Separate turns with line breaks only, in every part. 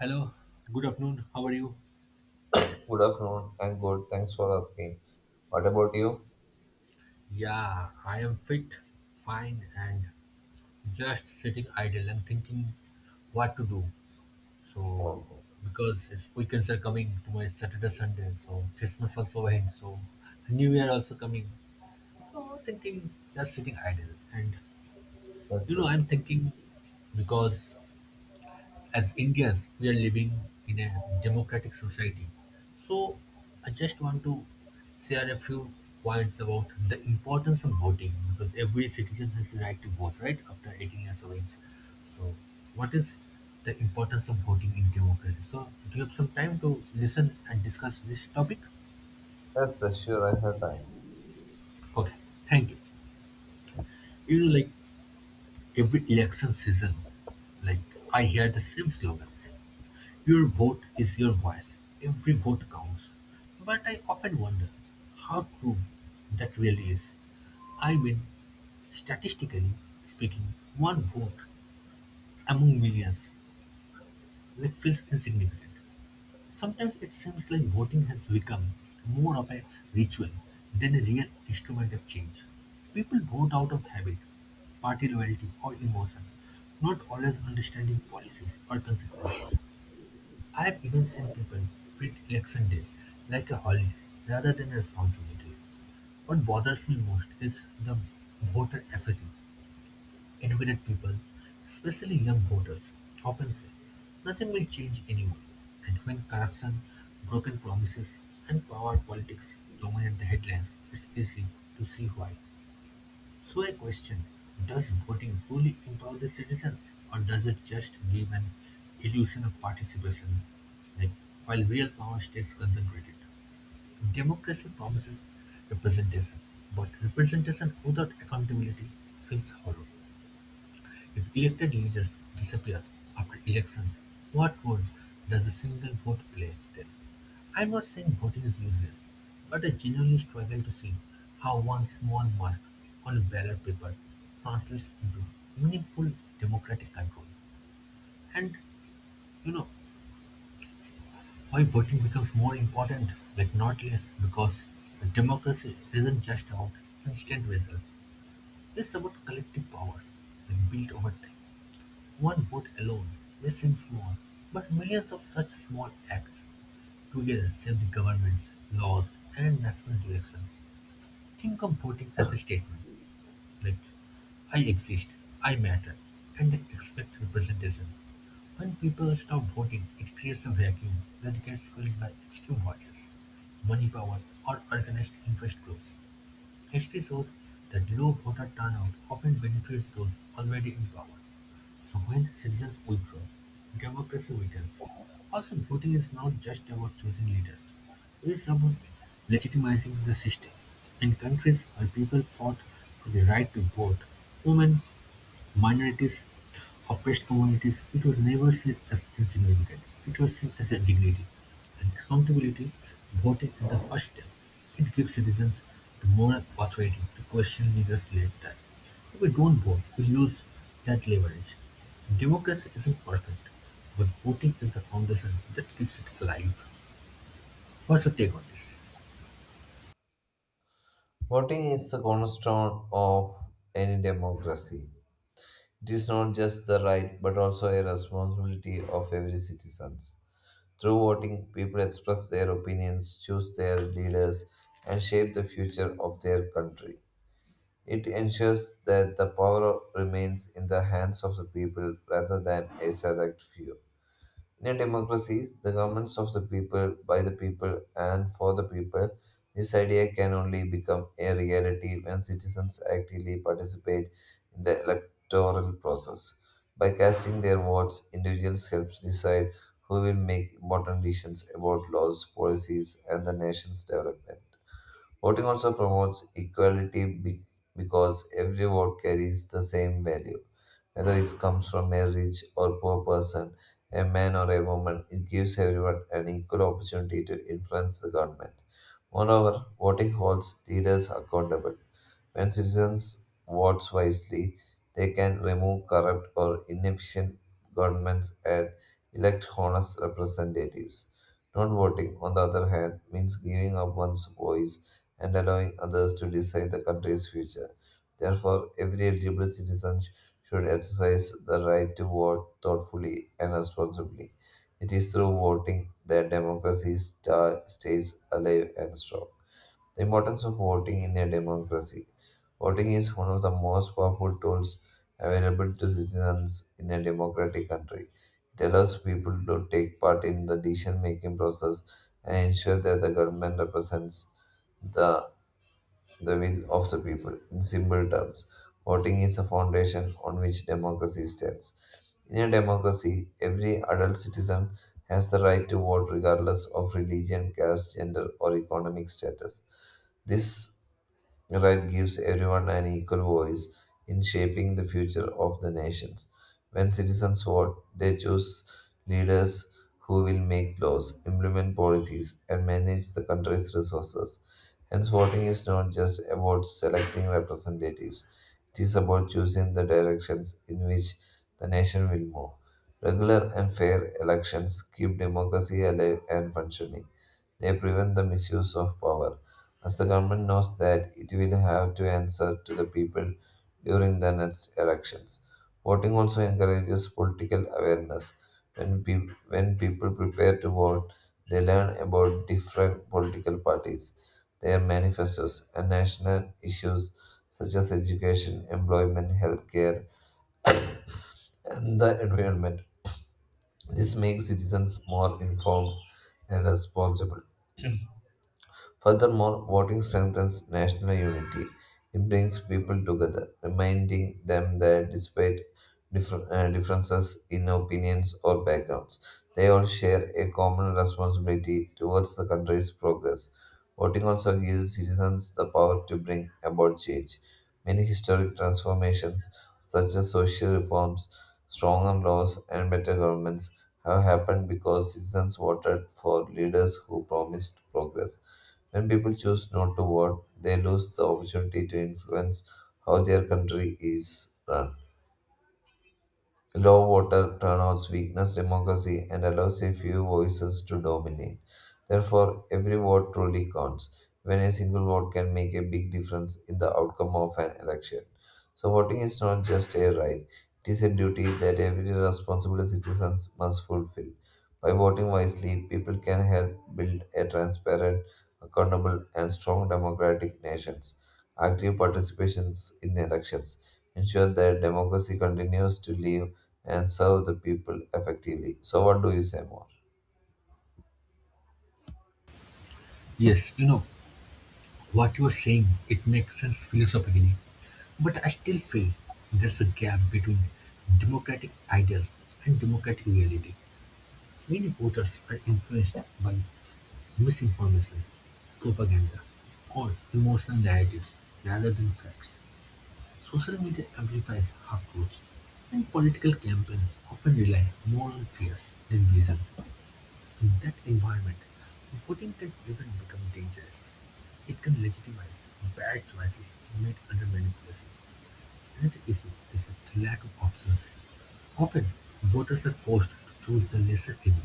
Hello, good afternoon. How are you?
Good afternoon. I'm good. Thanks for asking. What about you?
Yeah, I am fit, fine, and just sitting idle and thinking what to do. So,
Okay.
because it's weekends are coming tomorrow, my Saturday, Sunday, so Christmas also ahead, so New Year also coming. So, thinking just sitting idle, and
Yes,
I'm
yes.
thinking because as Indians, we are living in a democratic society. So I just want to share a few points about the importance of voting because every citizen has the right to vote, right? After 18 years of age. So what is the importance of voting in democracy? So do you have some time to listen and discuss this topic?
Yes, yes, sure. I have time.
Okay, thank you. Like every election season, like I hear the same slogans. Your vote is your voice. Every vote counts. But I often wonder how true that really is. I mean, statistically speaking, one vote among millions like feels insignificant. Sometimes it seems like voting has become more of a ritual than a real instrument of change. People vote out of habit, party loyalty, or emotion, not always understanding policies or consequences. I've even seen people treat election day like a holiday rather than a responsibility. What bothers me most is the voter apathy. Educated people, especially young voters, often say nothing will change anyway. And when corruption, broken promises, and power politics dominate the headlines, it's easy to see why. So I question, does voting truly empower the citizens or does it just give an illusion of participation, like while real power stays concentrated? Democracy promises representation, but representation without accountability feels hollow. If elected leaders disappear after elections, what role does a single vote play then? I'm not saying voting is useless, but I genuinely struggle to see how one small mark on a ballot paper translates into meaningful democratic control. And you know why voting becomes more important, like not less, because democracy isn't just about instant results. It's about collective power, like built over time. One vote alone may seem small, but millions of such small acts together shape the governments, laws, and national direction. Think of voting as a statement like, I exist, I matter, and I expect representation. When people stop voting, it creates a vacuum that gets filled by extreme voices, money power, or organized interest groups. History shows that low voter turnout often benefits those already in power. So when citizens withdraw, democracy weakens. Also, voting is not just about choosing leaders. It's about legitimizing the system. In countries where people fought for the right to vote, women, minorities, oppressed communities, it was never seen as insignificant, it was seen as a dignity. And accountability, voting is the first step. It gives citizens the moral authority to question leaders later. If we don't vote, we lose that leverage. Democracy isn't perfect, but voting is the foundation that keeps it alive. What's your take on this?
Voting is the cornerstone of any democracy. It is not just the right, but also a responsibility of every citizen. Through voting, people express their opinions, choose their leaders, and shape the future of their country. It ensures that the power remains in the hands of the people rather than a select few. In a democracy, the governments of the people, by the people, and for the people, this idea can only become a reality when citizens actively participate in the electoral process. By casting their votes, individuals help decide who will make important decisions about laws, policies, and the nation's development. Voting also promotes equality because every vote carries the same value whether it comes from a rich or poor person, a man or a woman, it gives everyone an equal opportunity to influence the government. Moreover, voting holds leaders accountable. When citizens vote wisely, they can remove corrupt or inefficient governments and elect honest representatives. Not voting, on the other hand, means giving up one's voice and allowing others to decide the country's future. Therefore, every eligible citizen should exercise the right to vote thoughtfully and responsibly. It is through voting that democracy stays alive and strong. The importance of voting in a democracy. Voting is one of the most powerful tools available to citizens in a democratic country. It allows people to take part in the decision making process and ensure that the government represents the, the will of the people. In simple terms, voting is the foundation on which democracy stands. In a democracy, every adult citizen has the right to vote regardless of religion, caste, gender, or economic status. This right gives everyone an equal voice in shaping the future of the nations. When citizens vote, they choose leaders who will make laws, implement policies, and manage the country's resources. Hence, voting is not just about selecting representatives, it is about choosing the directions in which the nation will move. Regular and fair elections keep democracy alive and functioning. They prevent the misuse of power, as the government knows that it will have to answer to the people during the next elections. Voting also encourages political awareness. When people prepare to vote, they learn about different political parties, their manifestos, and national issues such as education, employment, healthcare, and the environment. This makes citizens more informed and responsible. Furthermore, voting strengthens national unity. It brings people together, reminding them that despite differences in opinions or backgrounds, they all share a common responsibility towards the country's progress. Voting also gives citizens the power to bring about change. Many historic transformations, such as social reforms, stronger laws, and better governments, have happened because citizens voted for leaders who promised progress. When people choose not to vote, they lose the opportunity to influence how their country is run. Low voter turnouts weakens democracy and allows a few voices to dominate. Therefore, every vote truly counts, when a single vote can make a big difference in the outcome of an election. So, voting is not just a right, it is a duty that every responsible citizen must fulfill. By voting wisely, people can help build a transparent, accountable, and strong democratic nations. Active participations in elections ensure that democracy continues to live and serve the people effectively. So, what do you say more?
Yes, what you are saying, it makes sense philosophically. But I still feel there's a gap between democratic ideals and democratic reality. Many voters are influenced by misinformation, propaganda, or emotional narratives rather than facts. Social media amplifies half truths, and political campaigns often rely more on fear than reason. In that environment, voting can even become dangerous. It can legitimize bad choices made under manipulation. Another issue is the lack of options; often voters are forced to choose the lesser evil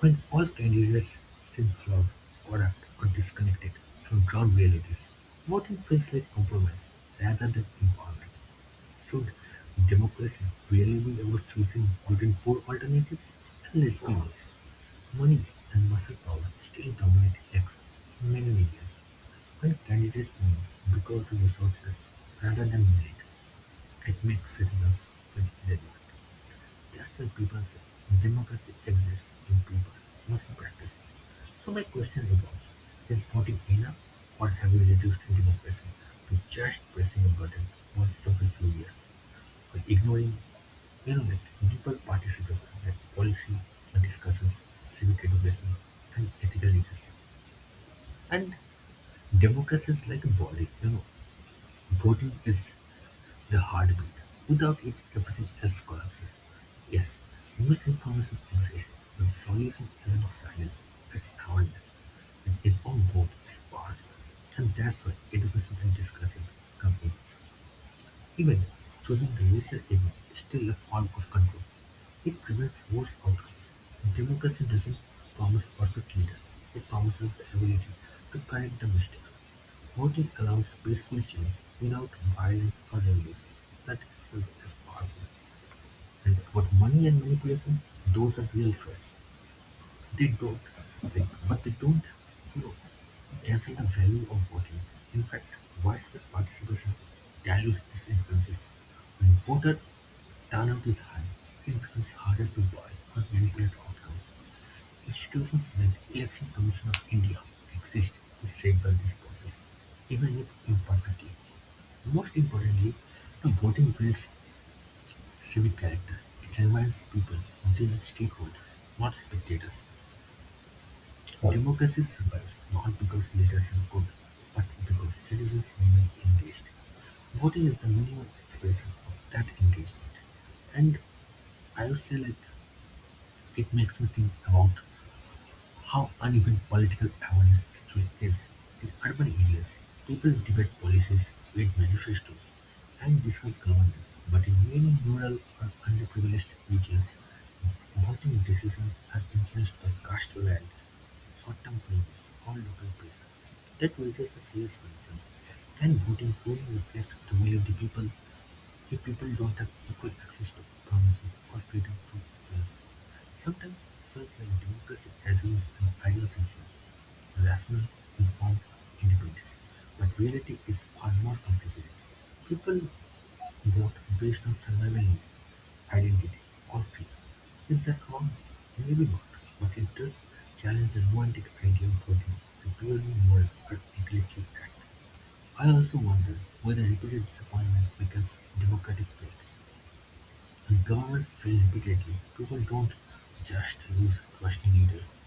when all candidates seem flawed, corrupt or disconnected from ground realities. Voting feels like compromise rather than empowerment. Should democracy really be about choosing between poor alternatives? And let's be honest, money and muscle power still dominate elections in many areas when candidates win because of resources rather than merit. It makes citizens feel relevant; that's why people say democracy exists in people, not in practice. So my question evolves: Is voting enough, or have we reduced democracy to just pressing a button once every few years, while ignoring like deeper participation, like policy discussions, civic education, and ethical leadership. And democracy is like a body, voting is the heartbeat. Without it, everything else collapses. Yes, misinformation exists, and solution isn't silence, it's awareness. An informed vote is possible, and that's why education and discussion come in. Even choosing the user evil is still a form of control. It prevents worse outcomes. Democracy doesn't promise perfect leaders, it promises the ability to correct the mistakes. Voting allows peaceful change without violence or revolution. That itself is powerful. And about money and manipulation, those are real threats. They don't, they don't you know, see the value of voting. In fact, widespread participation dilutes these influences. When voter turnout is high, it becomes harder to buy or manipulate outcomes. Institutions like the Election Commission of India exist to safeguard this process, even if imperfectly. Most importantly, the voting builds civic character. It reminds people they are stakeholders, not spectators. Democracy survives not because leaders are good, but because citizens remain engaged. Voting is the minimum expression of that engagement. And I would say like it makes me think about how uneven political awareness actually is. In urban areas, people debate policies, read manifestos, and discuss governance. But in many rural or underprivileged regions, voting decisions are influenced by caste loyalties, short-term changes, or local pressure. That raises a serious concern. Can voting truly reflect the will of the people? If people don't have equal access to information or freedom from press, sometimes it feels like democracy assumes an ideal citizen, rational, informed individual. But reality is far more complicated. People vote based on survival needs, identity, or fear. Is that wrong? Maybe not, but it does challenge the romantic idea of voting as a purely moral or intellectual act. I also wonder whether repeated disappointment weakens democratic faith. When governments fail repeatedly, people don't just lose trust in leaders,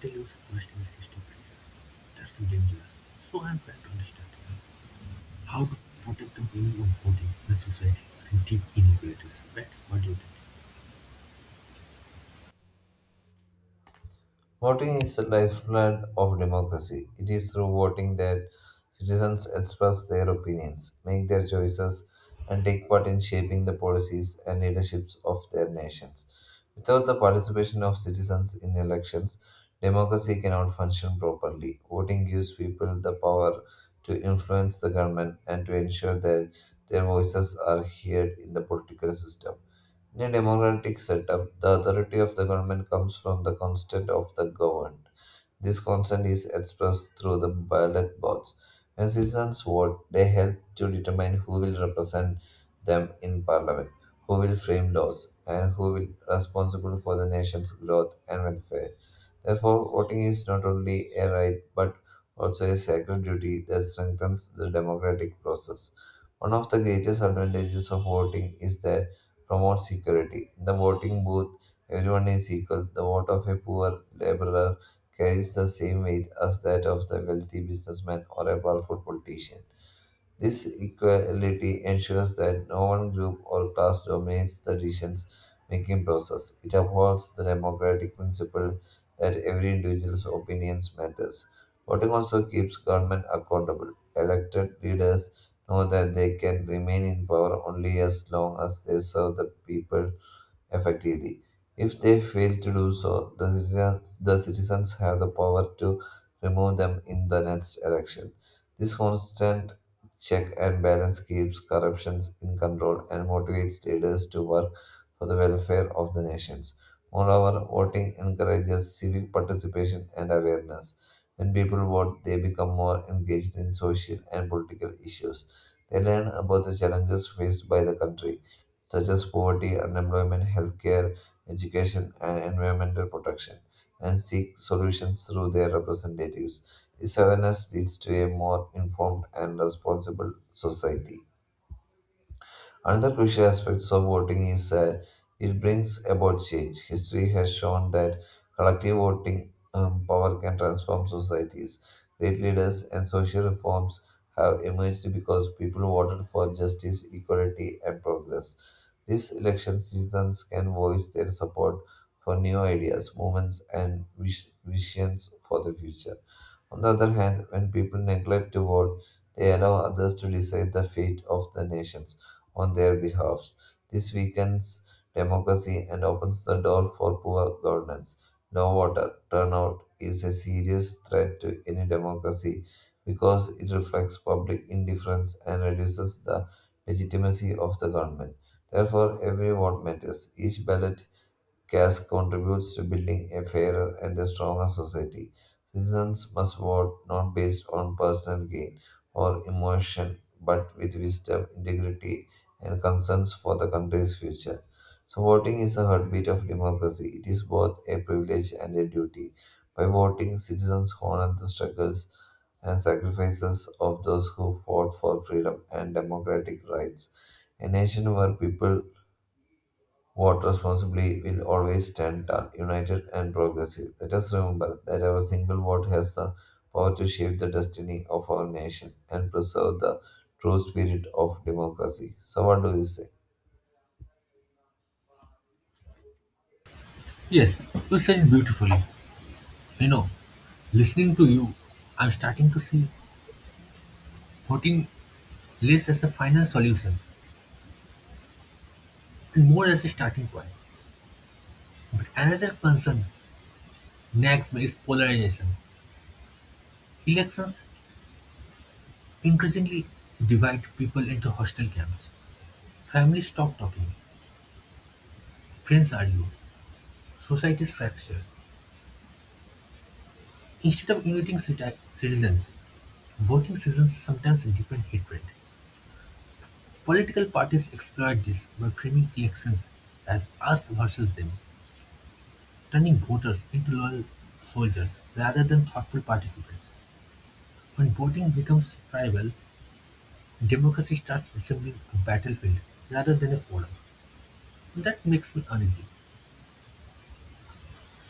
they lose trust in the system itself. That's so dangerous. So I'm trying to understand how to protect the people minimum voting in a society with deep inequalities. Right? What do you think?
Voting is the lifeblood of democracy. It is through voting that citizens express their opinions, make their choices, and take part in shaping the policies and leaderships of their nations. Without the participation of citizens in elections, democracy cannot function properly. Voting gives people the power to influence the government and to ensure that their voices are heard in the political system. In a democratic setup, the authority of the government comes from the consent of the governed. This consent is expressed through the ballot box. When citizens vote, they help to determine who will represent them in parliament, who will frame laws, and who will be responsible for the nation's growth and welfare. Therefore, voting is not only a right but also a sacred duty that strengthens the democratic process. One of the greatest advantages of voting is that promotes security. In the voting booth, everyone is equal. The vote of a poor laborer carries the same weight as that of the wealthy businessman or a powerful politician. This equality ensures that no one group or class dominates the decision making process. It upholds the democratic principle that every individual's opinions matters. Voting also keeps government accountable. Elected leaders know that they can remain in power only as long as they serve the people effectively. If they fail to do so, the citizens have the power to remove them in the next election. This constant check and balance keeps corruptions in control and motivates leaders to work for the welfare of the nations. Moreover, voting encourages civic participation and awareness. When people vote, they become more engaged in social and political issues. They learn about the challenges faced by the country such as poverty, unemployment, healthcare, education, and environmental protection, and seek solutions through their representatives. This awareness leads to a more informed and responsible society. Another crucial aspect of voting is that it brings about change. History has shown that collective voting power can transform societies. Great leaders and social reforms have emerged because people voted for justice, equality, and progress. These election seasons can voice their support for new ideas, movements, and visions for the future. On the other hand, when people neglect to vote, they allow others to decide the fate of the nations on their behalf. This weakens democracy and opens the door for poor governance. Low voter turnout is a serious threat to any democracy because it reflects public indifference and reduces the legitimacy of the government. Therefore, every vote matters. Each ballot gas contributes to building a fairer and a stronger society. Citizens must vote not based on personal gain or emotion, but with wisdom, integrity, and concerns for the country's future. So, voting is the heartbeat of democracy. It is both a privilege and a duty. By voting, citizens honor the struggles and sacrifices of those who fought for freedom and democratic rights. A nation where people vote responsibly will always stand tall, united and progressive. Let us remember that our single vote has the power to shape the destiny of our nation and preserve the true spirit of democracy. So, what do you say?
Yes, you said it beautifully. You know, listening to you, I'm starting to see voting less as a final solution and more as a starting point. But another concern Next is polarization. Elections increasingly divide people into hostile camps. Families stop talking, friends argue, societies fracture. Instead of uniting citizens, voting seasons sometimes deepen hatred. Political parties exploit this by framing elections as us versus them, turning voters into loyal soldiers rather than thoughtful participants. When voting becomes tribal, democracy starts resembling a battlefield rather than a forum. That makes me uneasy.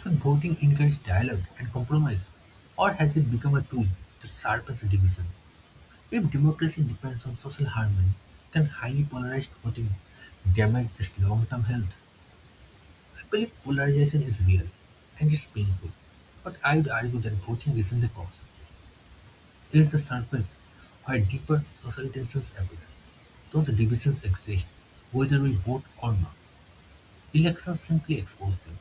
So voting encouraged dialogue and compromise, or has it become a tool that sharpens division? If democracy depends on social harmony, can highly polarized voting damage its long-term health? I believe polarization is real and it's painful, but I would argue that voting isn't the cause. It is the surface where deeper social tensions appear. Those divisions exist, whether we vote or not. Elections simply expose them.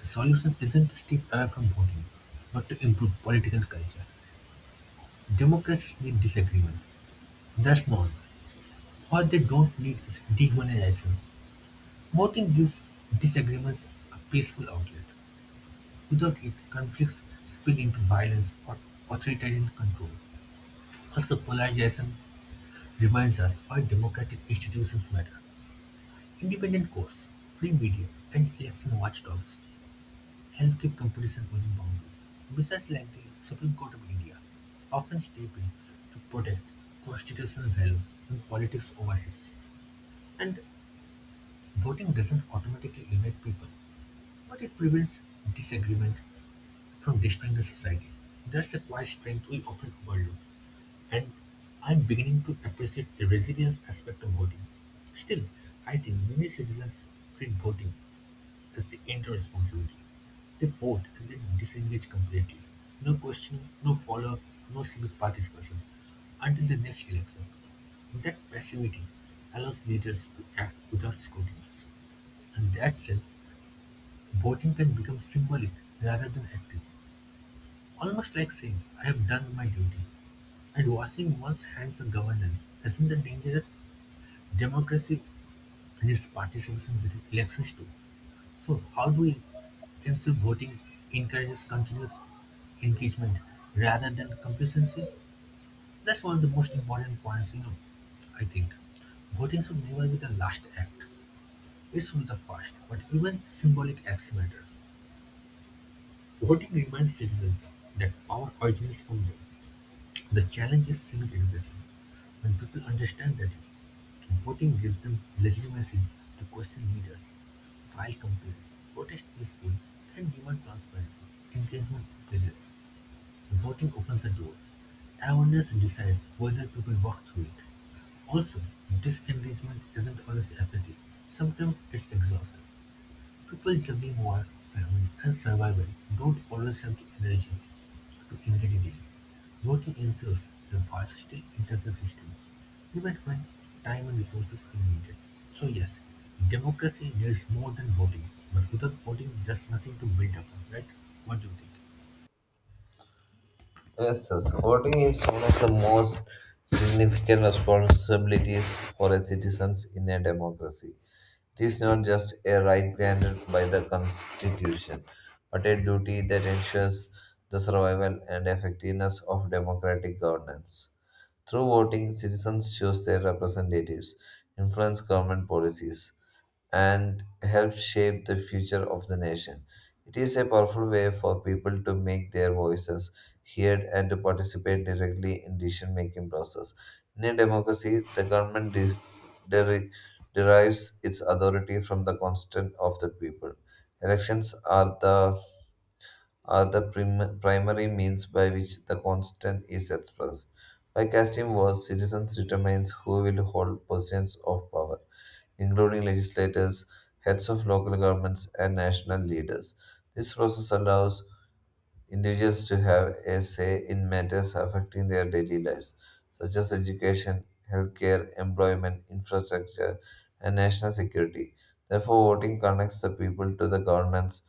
The solution isn't to step away from voting, but to improve political culture. Democracies need disagreement. That's normal. What they don't need is dehumanization. Voting gives disagreements a peaceful outlet. Without it, conflicts spill into violence or authoritarian control. Also, polarization reminds us why democratic institutions matter. Independent courts, free media, and election watchdogs Healthy competition within boundaries, decisions like the Supreme Court of India often step in to protect constitutional values and politics overheads. And voting doesn't automatically unite people, but it prevents disagreement from destroying the society. That's a quiet strength we often overlook, and I'm beginning to appreciate the resilience aspect of voting. Still, I think many citizens treat voting that's the end responsibility. They vote and then disengage completely. No questioning, no follow-up, no civic participation until the next election. That passivity allows leaders to act without scrutiny. In that sense, voting can become symbolic rather than active. Almost like saying, I have done my duty. And washing one's hands of governance isn't that dangerous? Democracy and participation with elections too. So how do we ensure voting encourages continuous engagement rather than complacency? That's one of the most important points, I think. Voting should never be the last act. It should be the first, but even symbolic acts matter. Voting reminds citizens that power originates from them. The challenge is civic education. When people understand that Voting gives them legitimacy to question leaders, file complaints, protest peacefully, and demand transparency. Engagement increases. Voting opens the door. Awareness decides whether people walk through it. Also, disengagement isn't always apathy. Sometimes it's exhaustion. People juggling work, family and survival don't always have the energy to engage daily. Working ensures a versatile intensive system, even when time and resources are limited. So yes, democracy needs more than voting, but without voting there's nothing to build upon, right? What do you think?
Yes, yes. Voting is one of the most significant responsibilities for a citizens in a democracy. It is not just a right granted by the Constitution, but a duty that ensures the survival and effectiveness of democratic governance. Through voting, citizens choose their representatives, influence government policies, and help shape the future of the nation. It is a powerful way for people to make their voices heard and to participate directly in decision-making process. In a democracy, the government de- deri- derives its authority from the consent of the people. Elections are the primary means by which the constant is expressed. By casting votes, citizens determine who will hold positions of power, including legislators, heads of local governments, and national leaders. This process allows individuals to have a say in matters affecting their daily lives, such as education, healthcare, employment, infrastructure, and national security. Therefore, voting connects the people to the governments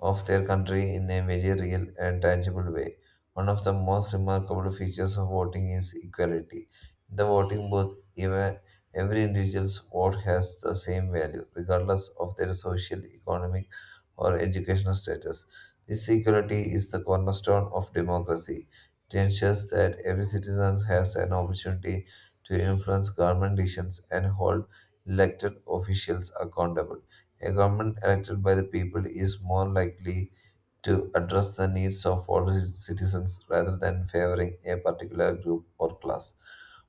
of their country in a very real and tangible way. One of the most remarkable features of voting is equality. In the voting booth, even every individual's vote has the same value, regardless of their social, economic, or educational status. This equality is the cornerstone of democracy. It ensures that every citizen has an opportunity to influence government decisions and hold elected officials accountable. A government elected by the people is more likely to address the needs of all its citizens rather than favoring a particular group or class.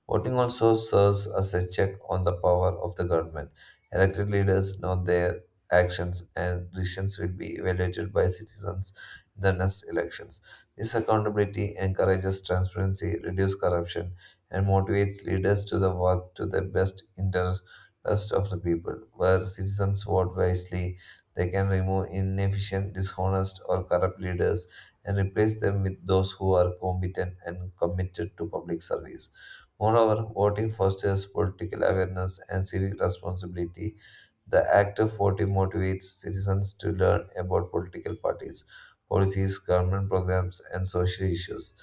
Voting also serves as a check on the power of the government. Elected leaders know their actions and decisions will be evaluated by citizens in the next elections. This accountability encourages transparency, reduces corruption, and motivates leaders to the work to the best interest of the people, where citizens vote wisely they can remove inefficient, dishonest, or corrupt leaders and replace them with those who are competent and committed to public service. Moreover, voting fosters political awareness and civic responsibility. The act of voting motivates citizens to learn about political parties, policies, government programs, and social issues.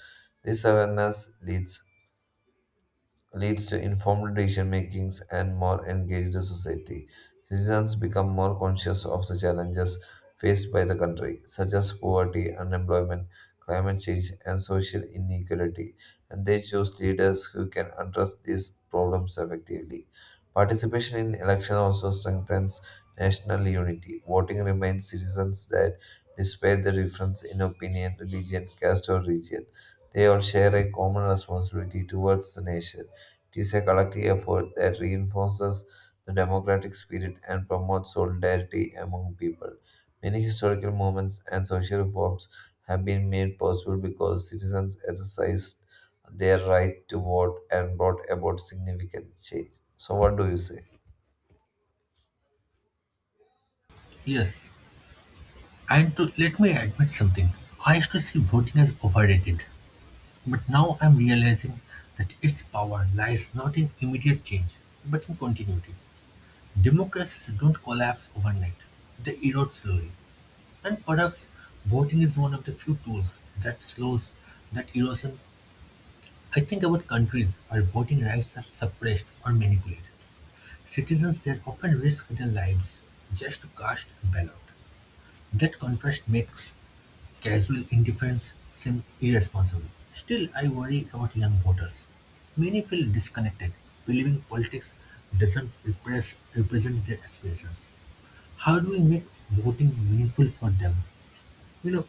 This awareness leads to informed decision makings and more engaged society. Citizens become more conscious of the challenges faced by the country, such as poverty, unemployment, climate change, and social inequality, and they choose leaders who can address these problems effectively. Participation in election also strengthens national unity. Voting reminds citizens that despite the difference in opinion, religion, caste, or region, they all share a common responsibility towards the nation. It is a collective effort that reinforces the democratic spirit and promotes solidarity among people. Many historical movements and social reforms have been made possible because citizens exercised their right to vote and brought about significant change. So, what do you say?
Yes, and to let me admit something. I used to see voting as overrated, but now I'm realizing that its power lies not in immediate change, but in continuity. Democracies don't collapse overnight; they erode slowly, and perhaps voting is one of the few tools that slows that erosion. I think about countries where voting rights are suppressed or manipulated. Citizens there often risk their lives just to cast a ballot. That contrast makes casual indifference seem irresponsible. Still, I worry about young voters. Many feel disconnected, believing politics doesn't represent their aspirations. How do we make voting meaningful for them? You know,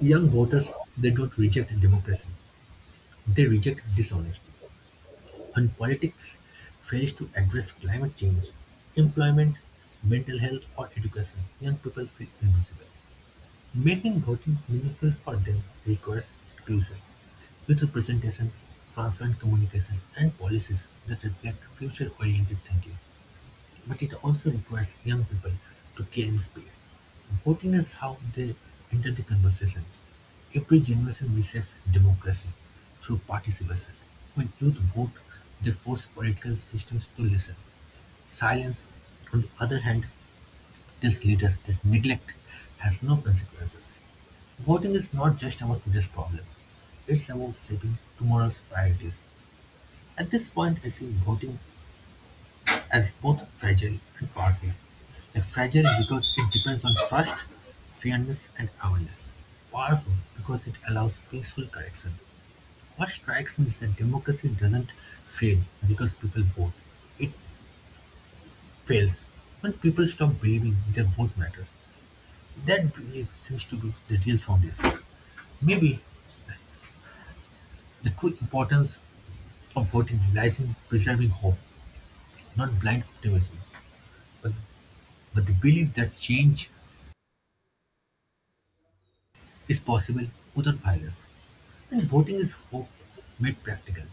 young voters, they don't reject democracy. They reject dishonesty. When politics fails to address climate change, employment, mental health, or education, young people feel invisible. Making voting meaningful for them requires inclusion with representation, transparent communication, and policies that reflect future-oriented thinking. But it also requires young people to claim space. Voting is how they enter the conversation. Every generation receives democracy through participation. When youth vote, they force political systems to listen. Silence, on the other hand, tells leaders that neglect has no consequences. Voting is not just about today's problems, it's about shaping tomorrow's priorities. At this point, I see voting as both fragile and powerful, like fragile because it depends on trust, fairness and awareness, powerful because it allows peaceful correction. What strikes me is that democracy doesn't fail because people vote. It fails when people stop believing their vote matters. That belief seems to be the real foundation. Maybe the true importance of voting lies in preserving hope, not blind optimism, but, but the belief that change is possible without violence. And Voting is hope made practical;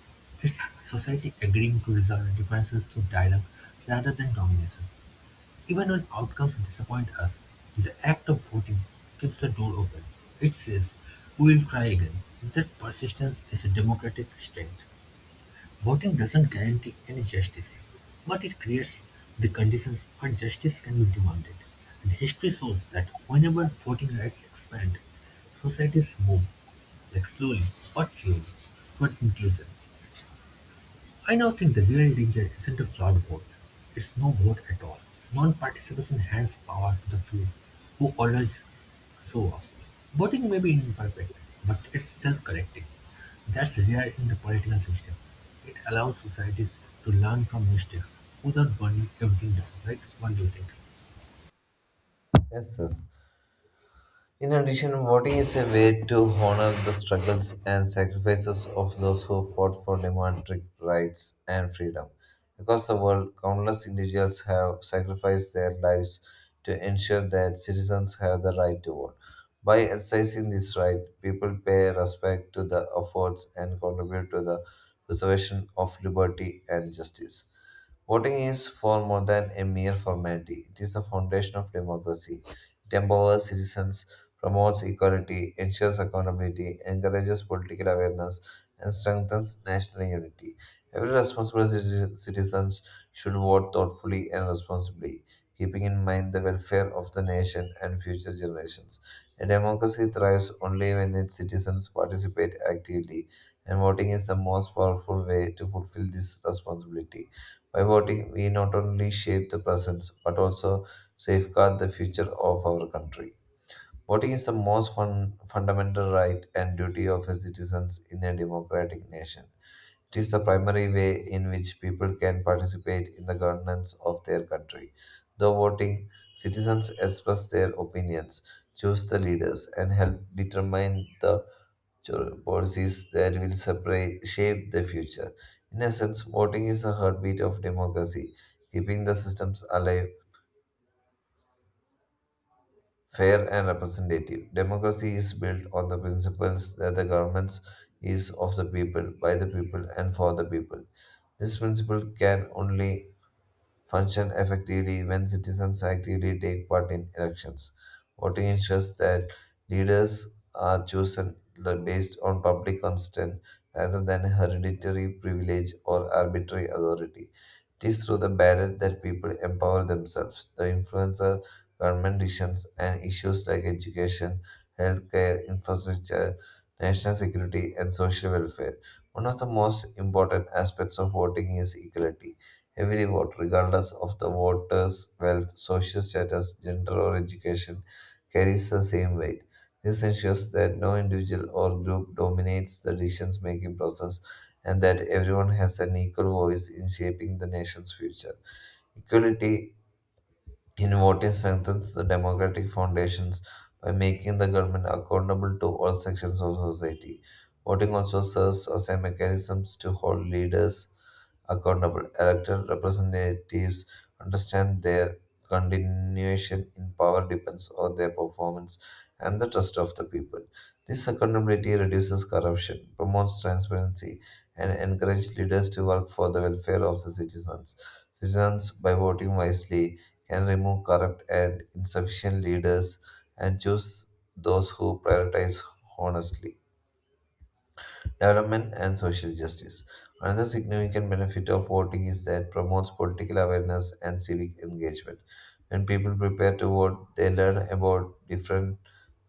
it's society agreeing to resolve differences through dialogue rather than domination. Even when outcomes disappoint us, the act of voting keeps the door open. It says, "We'll try again." That persistence is a democratic strength. Voting doesn't guarantee any justice, but it creates the conditions where justice can be demanded. And history shows that whenever voting rights expand, societies move, like slowly but surely, toward inclusion. I now think the real danger isn't a flawed vote. It's no vote at all. Non-participation hands power to the few who always show up. Voting may be imperfect, but it's self-correcting. That's rare in the political system. It allows societies to learn from mistakes without burning everything down, right? What do you think?
Yes, yes. In addition, voting is a way to honor the struggles and sacrifices of those who fought for democratic rights and freedom. Across the world, countless individuals have sacrificed their lives to ensure that citizens have the right to vote. By exercising this right, people pay respect to the efforts and contribute to the preservation of liberty and justice. Voting is for more than a mere formality. It is the foundation of democracy. It empowers citizens, promotes equality, ensures accountability, encourages political awareness, and strengthens national unity. Every responsible citizen should vote thoughtfully and responsibly, keeping in mind the welfare of the nation and future generations. A democracy thrives only when its citizens participate actively, and voting is the most powerful way to fulfill this responsibility. By voting, we not only shape the present but also safeguard the future of our country. Voting is the most fundamental right and duty of a citizen in a democratic nation. It is the primary way in which people can participate in the governance of their country. Through voting, citizens express their opinions, choose the leaders, and help determine the policies that will shape the future. In essence, voting is the heartbeat of democracy, keeping the systems alive, fair, and representative. Democracy is built on the principles that the government is of the people, by the people, and for the people. This principle can only function effectively when citizens actively take part in elections. Voting ensures that leaders are chosen based on public consent rather than hereditary privilege or arbitrary authority. It is through the ballot that people empower themselves. The influencer, government decisions, and issues like education, healthcare, infrastructure, national security, and social welfare. One of the most important aspects of voting is equality. Every vote, regardless of the voter's wealth, social status, gender, or education, carries the same weight. This ensures that no individual or group dominates the decision making process and that everyone has an equal voice in shaping the nation's future. Equality in voting strengthens the democratic foundations by making the government accountable to all sections of society. Voting also serves as a mechanism to hold leaders accountable. Elected representatives understand their continuation in power depends on their performance and the trust of the people. This accountability reduces corruption, promotes transparency, and encourages leaders to work for the welfare of the citizens. Citizens, by voting wisely, can remove corrupt and insufficient leaders and choose those who prioritize honestly development and social justice. Another significant benefit of voting is that promotes political awareness and civic engagement. When people prepare to vote, they learn about different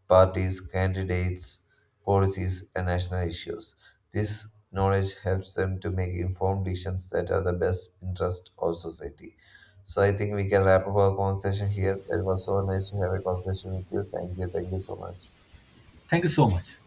parties, candidates, policies, and national issues. This knowledge helps them to make informed decisions that are the best interest of society. So I think we can wrap up our conversation here. It was so nice to have a conversation with you. Thank you. Thank you so much.
Thank you so much.